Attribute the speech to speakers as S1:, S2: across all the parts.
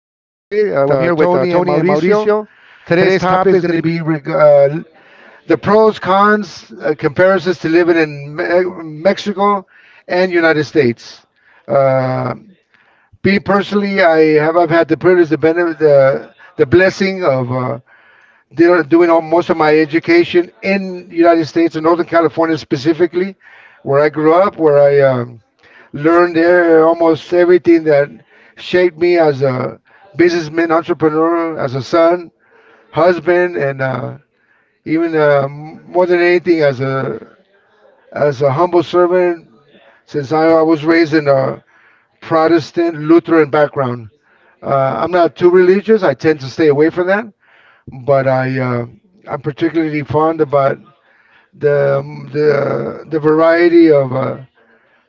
S1: I'm here with Tony and Mauricio. Today's topic is going to be the pros, cons, comparisons to living in Mexico and United States. Uh, Me personally, I've had the privilege, the benefit, the blessing of doing all, most of my education in United States, in Northern California specifically, where I grew up, where I learned there almost everything that shaped me as a businessman, entrepreneur, as a son, husband, and more than anything as a humble servant. Since I was raised in a Protestant Lutheran background. I'm not too religious. I tend to stay away from that, but I'm particularly fond about the variety of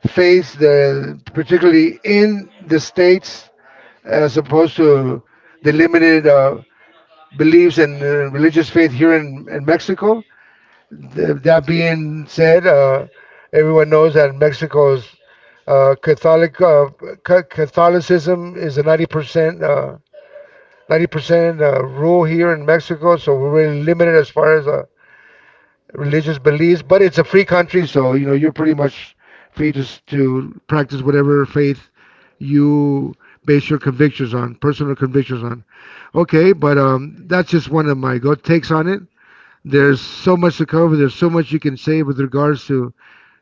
S1: faiths that, particularly in the states as opposed to the limited beliefs and religious faith here in Mexico. That being said, everyone knows that Mexico's uh, Catholic uh, Catholicism is a 90% 90% rule here in Mexico, so we're really limited as far as religious beliefs, but it's a free country, so you know you're pretty much free to to practice whatever faith you base your convictions on, personal convictions on. Okay, but that's just one of my go takes on it. There's so much to cover. There's so much you can say with regards to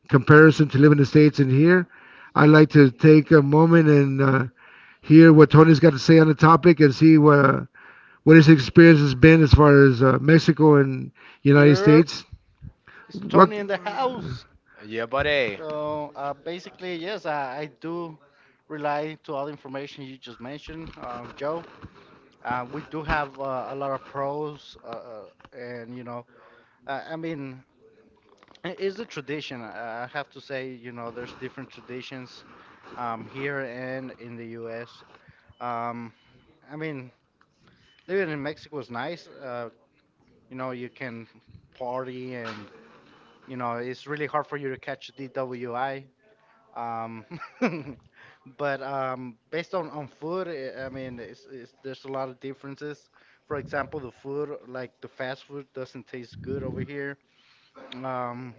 S1: comparison to live in the States and here. I'd like to take a moment and hear what Tony's got to say on the topic and see what his experience has been as far as Mexico and United
S2: Yep,
S1: States.
S2: it's
S1: What?
S2: Tony in the house.
S3: Yeah, buddy.
S2: So basically, yes, I do rely to all the information you just mentioned, Joe. We do have a lot of pros, and you know, I mean, it is a tradition. I have to say, you know, there's different traditions here and in the U.S. Um, I mean, living in Mexico is nice. You know, you can party and you know, it's really hard for you to catch DWI. Um, but based on food, I mean, it's there's a lot of differences. For example, the food, like the fast food, doesn't taste good over here. Um,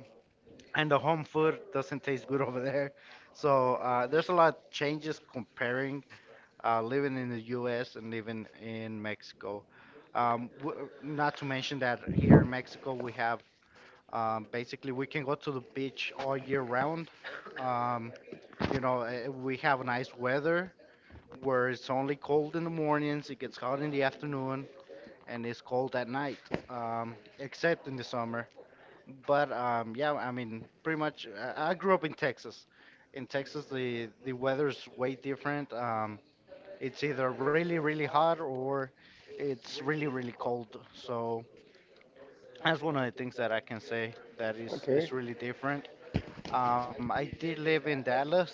S2: and the home food doesn't taste good over there. So there's a lot of changes comparing living in the U.S. and living in Mexico. W not to mention that here in Mexico we have basically we can go to the beach all year round. Um, you know, we have nice weather where it's only cold in the mornings, it gets hot in the afternoon, and it's cold at night, except in the summer. But yeah, pretty much, I grew up in Texas. In Texas, the weather's way different. It's either really, really hot or it's really, really cold. So that's one of the things that I can say that is
S1: Okay.
S2: is really different. I did live in Dallas.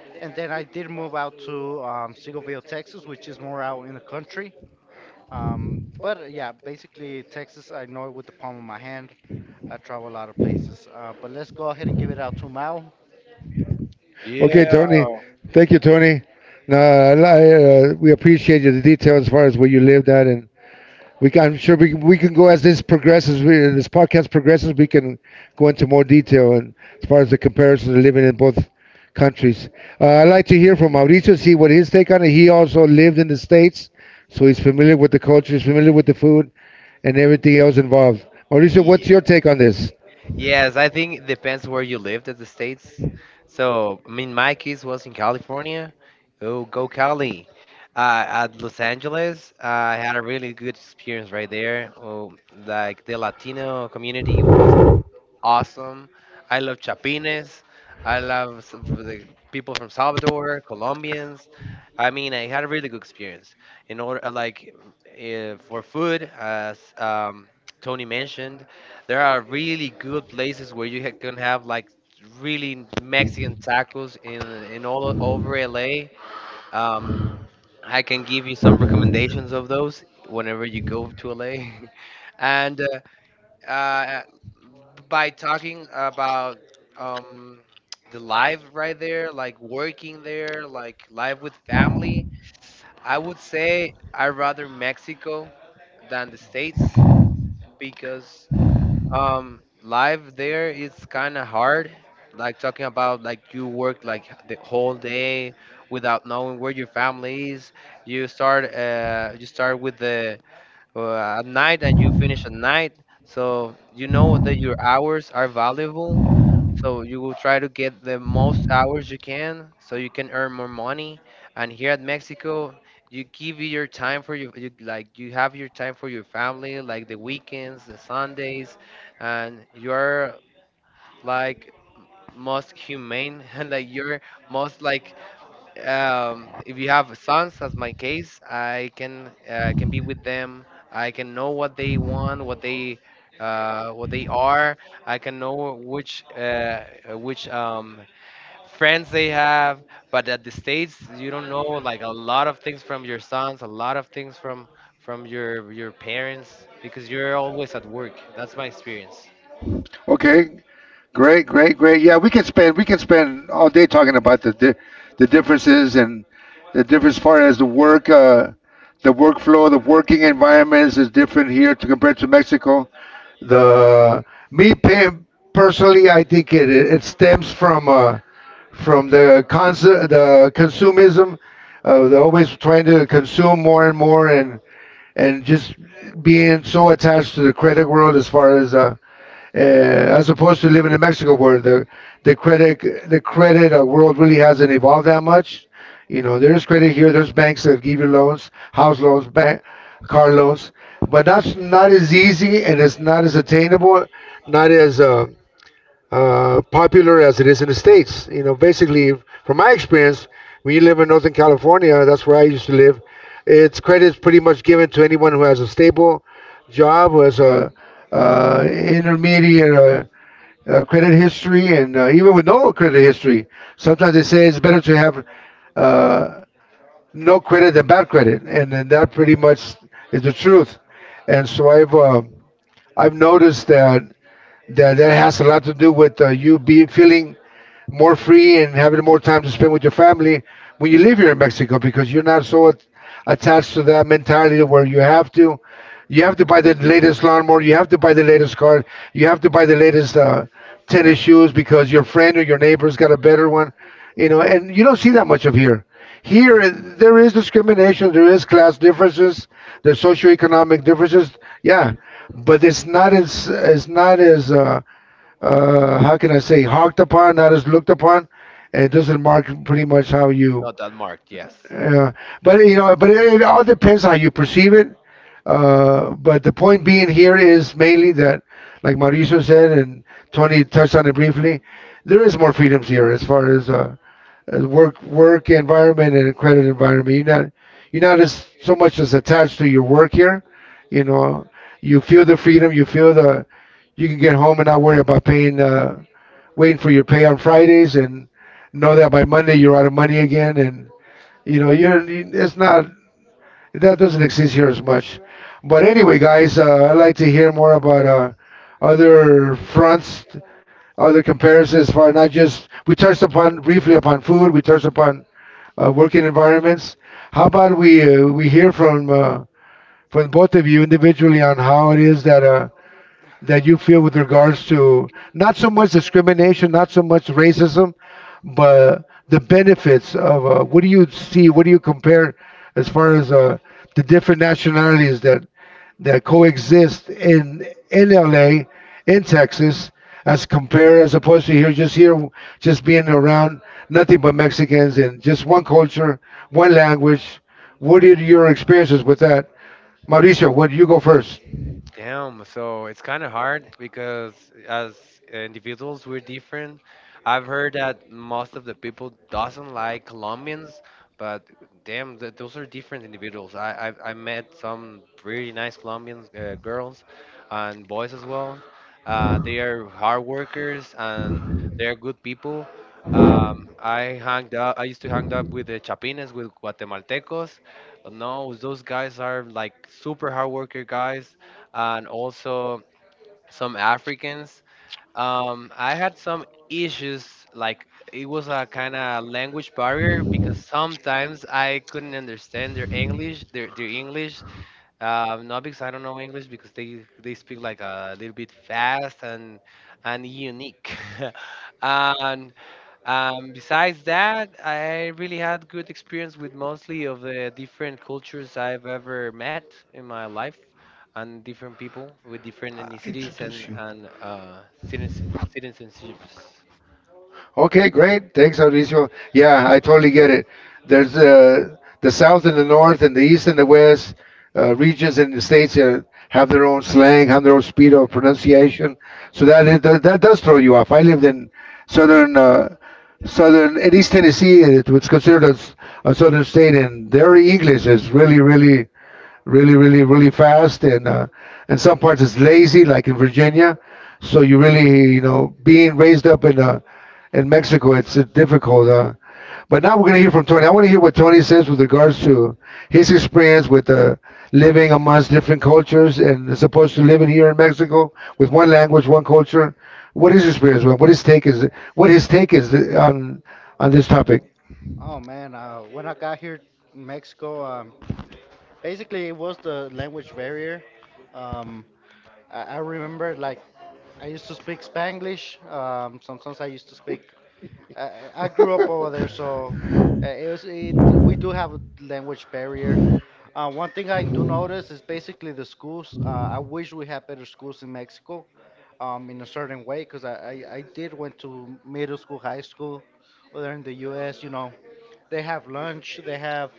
S2: And then I did move out to Seagoville, Texas, which is more out in the country. But yeah, basically Texas, I know it with the palm of my hand. I travel a lot of places. But let's go ahead and give it out to Mao.
S1: Okay,
S3: Yeah.
S1: Tony. Thank you, Tony. No, I, li- We appreciate you the detail as far as where you lived at, and I'm sure we can go as this progresses, this podcast progresses, we can go into more detail and as far as the comparison of living in both countries. I'd like to hear from Mauricio, see what his take on it. He also lived in the States, so he's familiar with the culture, he's familiar with the food, and everything else involved. Mauricio, what's
S3: Yeah.
S1: your take on this?
S3: Yes, I think it depends where you lived at the States. So, I mean, my case was in California. Oh, go Cali. At Los Angeles, I had a really good experience right there. Oh, like the Latino community was awesome. I love chapines. The people from Salvador, Colombians. I mean, I had a really good experience. In order, for food, as Tony mentioned, there are really good places where you can have like really Mexican tacos in all over LA. Um, I can give you some recommendations of those whenever you go to LA. and uh, by talking about um, the life right there, like working there, like life with family, I would say I rather Mexico than the States because life there is kind of hard. Like talking about like you work like the whole day without knowing where your family is. You start with the at night and you finish at night. So you know that your hours are valuable. So you will try to get the most hours you can so you can earn more money. And here at Mexico, you give your time for like you have your time for your family, like the weekends, the Sundays, and you're like most humane and like you're most like if you have sons, as my case, I can be with them. I can know what they want, what they are. I can know which friends they have. But at the states, you don't know like a lot of things from your sons, a lot of things from from your parents because you're always at work. That's my experience.
S1: Okay, great, great, great. Yeah, we can spend all day talking about the differences and the difference far as the work, the workflow, the working environments is different here to compared to Mexico. The me pay, Personally, I think it stems from the consumism. They're always trying to consume more and more and just being so attached to the credit world as far as opposed to living in Mexico where the credit the credit world really hasn't evolved that much. You know, there's credit here, there's banks that give you loans, house loans, bank, car loans, but that's not as easy and it's not as attainable, not as popular as it is in the states. You know, basically, from my experience, when you live in Northern California, that's where I used to live. It's credit's pretty much given to anyone who has a stable job, who has a intermediate credit history, and even with no credit history, sometimes they say it's better to have uh, no credit than bad credit, and then that pretty much is the truth. And so I've noticed that that has a lot to do with you be feeling more free and having more time to spend with your family when you live here in Mexico because you're not so attached to that mentality where you have to buy the latest lawnmower, you have to buy the latest car, you have to buy the latest tennis shoes because your friend or your neighbor's got a better one, you know, and you don't see that much of here. Here, there is discrimination, there is class differences, there's socioeconomic differences, yeah, but it's not as how can I say, hawked upon, not as looked upon. And it doesn't mark pretty much how you,
S3: Not that marked, yes.
S1: uh, but you know, but it all depends how you perceive it. But the point being here is mainly that, like Mauricio said, and Tony touched on it briefly, there is more freedoms here as far as work environment and credit environment. You're not as so much as attached to your work here. You know, you feel the freedom. You feel the you can get home and not worry about paying waiting for your pay on Fridays and know that by Monday you're out of money again. And you know, it's not that doesn't exist here as much. But anyway, guys, I'd like to hear more about other fronts, other comparisons for not just we touched upon briefly upon food, we touched upon working environments. How about we hear from both of you individually on how it is that that you feel with regards to not so much discrimination, not so much racism, but the benefits of what do you see, what do you compare as far as the different nationalities that coexist in LA, in Texas, as compared as opposed to here, just being around nothing but Mexicans and just one culture, one language. What are your experiences with that, Mauricio? What you go first?
S3: Damn, so it's kind of hard because as individuals we're different. I've heard that most of the people doesn't like Colombians, but damn, th those are different individuals. I met some really nice Colombian girls and boys as well. They are hard workers and they are good people. I hanged up. I used to hang up with the Chapines, with Guatemaltecos. No, those guys are like super hard worker guys and also some Africans. I had some issues, like it was a kind of language barrier because sometimes I couldn't understand their English, their English. Not because I don't know English, because they speak like a little bit fast and unique. and Besides that, I really had good experience with mostly of the different cultures I've ever met in my life, and different people with different
S1: I
S3: ethnicities
S1: introduce
S3: and
S1: you.
S3: and uh, citizen, citizenships.
S1: Okay, great. Thanks, Mauricio. Yeah, I totally get it. There's the South and the North and the East and the West regions in the states have their own slang, have their own speed of pronunciation. So that is, that does throw you off. I lived in southern uh, southern in East Tennessee. It was considered a southern state, and their English is really, really, really fast, and some parts it's lazy, like in Virginia. So you really, you know, being raised up in Mexico, it's difficult. But now we're gonna hear from Tony. I want to hear what Tony says with regards to his experience with living amongst different cultures and as opposed to living here in Mexico with one language, one culture. What his experience was, what his take is on this topic.
S2: Oh man, when I got here in Mexico, basically it was the language barrier. Um, I remember like I used to speak Spanglish. Sometimes I used to speak I grew up over there, so we do have a language barrier. One thing I do notice is basically the schools. I wish we had better schools in Mexico, in a certain way, because I did went to middle school, high school, over there in the U.S. You know, they have lunch, they have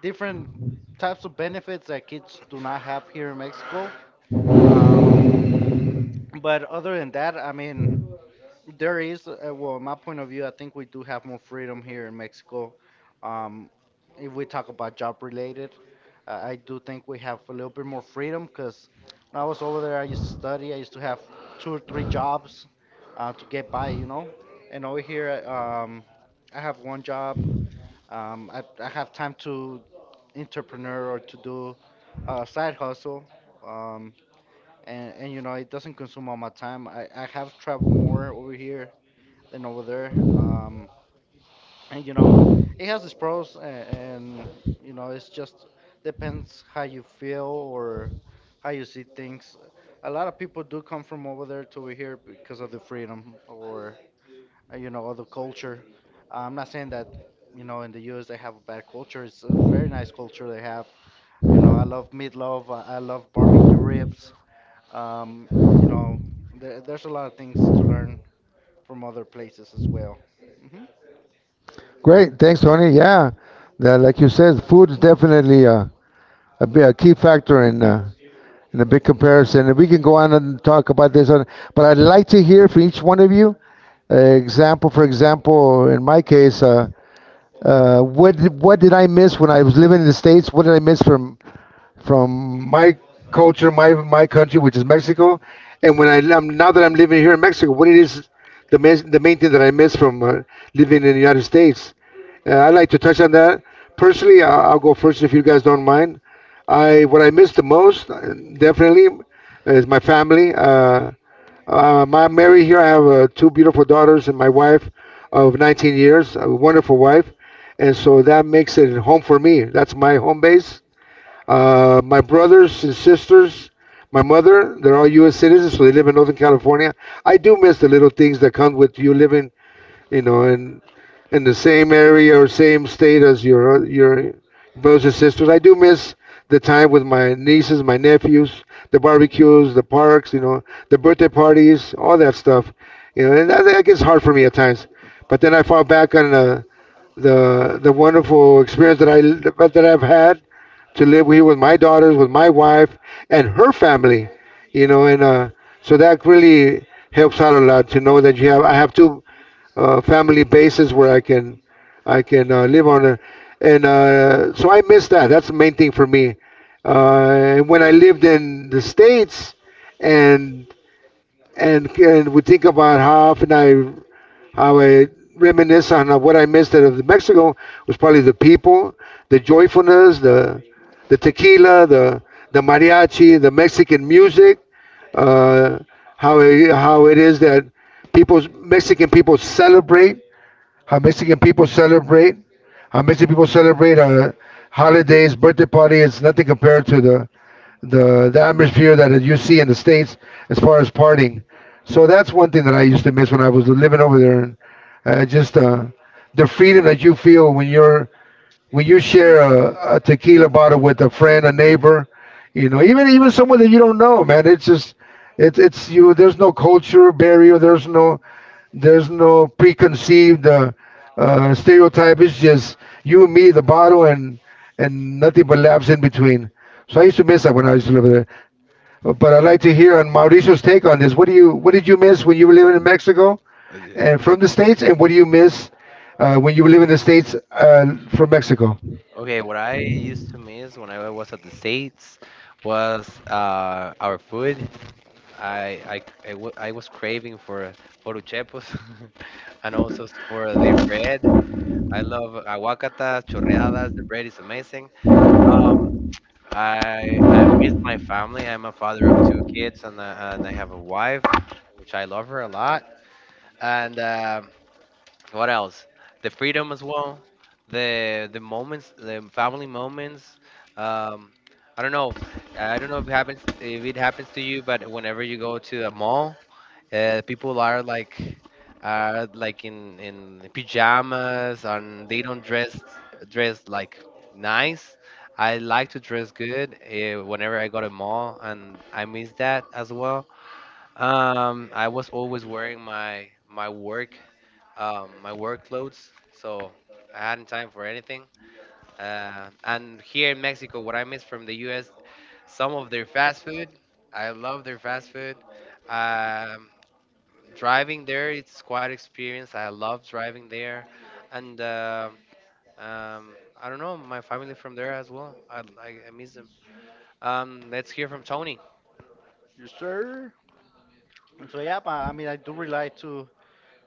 S2: different types of benefits that kids do not have here in Mexico. Um, but other than that, I mean. There is, well, my point of view, I think we do have more freedom here in Mexico. Um, if we talk about job related, I do think we have a little bit more freedom because when I was over there, I used to study, I used to have two or three jobs to get by, you know. And over here, I have one job. I have time to entrepreneur or to do a side hustle. Um, and you know, it doesn't consume all my time. I have traveled more over here and over there. And you know, it has its pros, and you know, it's just depends how you feel or how you see things. A lot of people do come from over there to here because of the freedom or you know, of the culture. I'm not saying that you know in the U.S. they have a bad culture. It's a very nice culture they have. You know, I love meatloaf. I love barbecue ribs. Um, you know, there's a lot of things to learn from other places as well. Mm-hmm.
S1: Great, thanks, Tony. Yeah, that, like you said, food is definitely a key factor in a big comparison, and we can go on and talk about this. But I'd like to hear from each one of you example. For example, in my case, what did I miss when I was living in the States? What did I miss from my culture, my country, which is Mexico, and when I am now that I'm living here in Mexico, what it is the main thing that I miss from living in the United States? I'd like to touch on that personally. I'll go first if you guys don't mind. I what I miss the most, definitely, is my family. My I'm married here. I have two beautiful daughters and my wife of 19 years, a wonderful wife. And so that makes it home for me. That's my home base. My brothers and sisters, my mother, they're all U.S. citizens, so they live in Northern California. I do miss the little things that come with you living you know, in the same area or same state as your brothers and sisters. I do miss the time with my nieces, my nephews, the barbecues, the parks, you know, the birthday parties, all that stuff. You know, and that gets hard for me at times. But then I fall back on the wonderful experience that I've had to live here with my daughters, with my wife, and her family. You know, and so that really helps out a lot to know that you have I have two family basis where I can live on it. And so I miss that. That's the main thing for me. And when I lived in the states, and and would think about how I reminisce on what I missed out of Mexico was probably the people, the joyfulness, the tequila, the mariachi, the Mexican music, uh, how it is that people Mexican people celebrate how Mexican people celebrate. How Mexican people celebrate holidays, birthday party. It's nothing compared to the atmosphere that you see in the states as far as partying. So that's one thing that I used to miss when I was living over there, and just the freedom that you feel when you share a tequila bottle with a friend, a neighbor, you know, even someone that you don't know, man, it's it's you. There's no culture barrier. There's no preconceived stereotype. It's just you and me, the bottle, and nothing but laughs in between. So I used to miss that when I used to live there. But I'd like to hear on Mauricio's take on this. What did you miss when you were living in Mexico and
S3: Yeah.
S1: from the states, and what do you miss when you were living in the states from Mexico?
S3: Okay, what I used to miss when I was at the States was our food. I was craving for uchepos and also for their bread. I love aguacata, chorreadas. The bread is amazing. Um, I miss my family. I'm a father of two kids, and I have a wife, which I love her a lot. And What else? The freedom as well. The moments, the family moments. Um, I don't know. I don't know if it happens to you, but whenever you go to a mall people are like are like, in pajamas and they don't dress like nice. I like to dress good whenever I go to mall, and I miss that as well. I was always wearing my work clothes, so I hadn't time for anything. And here in Mexico, what I miss from the U.S., some of their fast food. I love their fast food. Um, driving there it's quite experience. I love driving there and um, I don't know. My family from there as well. I miss them. Let's hear from Tony.
S2: Yes, sir. And so, yeah, but, I mean, I do relate to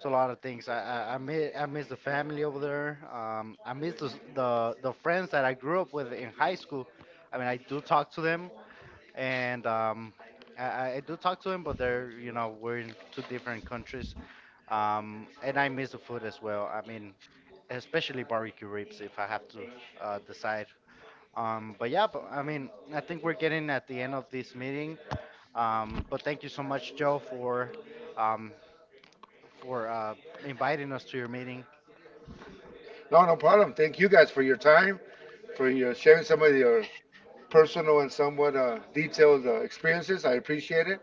S2: a lot of things. I miss the family over there. I miss the friends that I grew up with in high school. I mean, I do talk to them, and I I do talk to them, but they're you know we're in two different countries. And I miss the food as well. I mean, especially barbecue ribs if I have to decide. But yeah, I mean, I think we're getting at the end of this meeting. But thank you so much, Joe, um, for inviting us to your meeting.
S1: No, no problem. Thank you guys for your time, for your sharing some of your personal and somewhat detailed experiences. I appreciate it.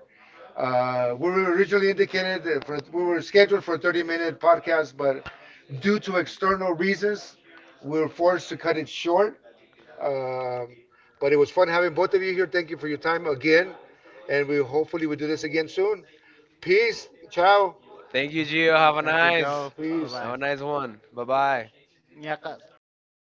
S1: We were originally indicated that for we were scheduled for a 30-minute podcast, but due to external reasons, we were forced to cut it short. Um, but it was fun having both of you here. Thank you for your time again, and we hopefully we do this again soon. Peace. Ciao.
S3: Thank you, Gio.
S2: Thank you, Joe.
S1: Peace.
S3: Have
S2: Bye
S3: a nice one. Bye bye.
S2: bye.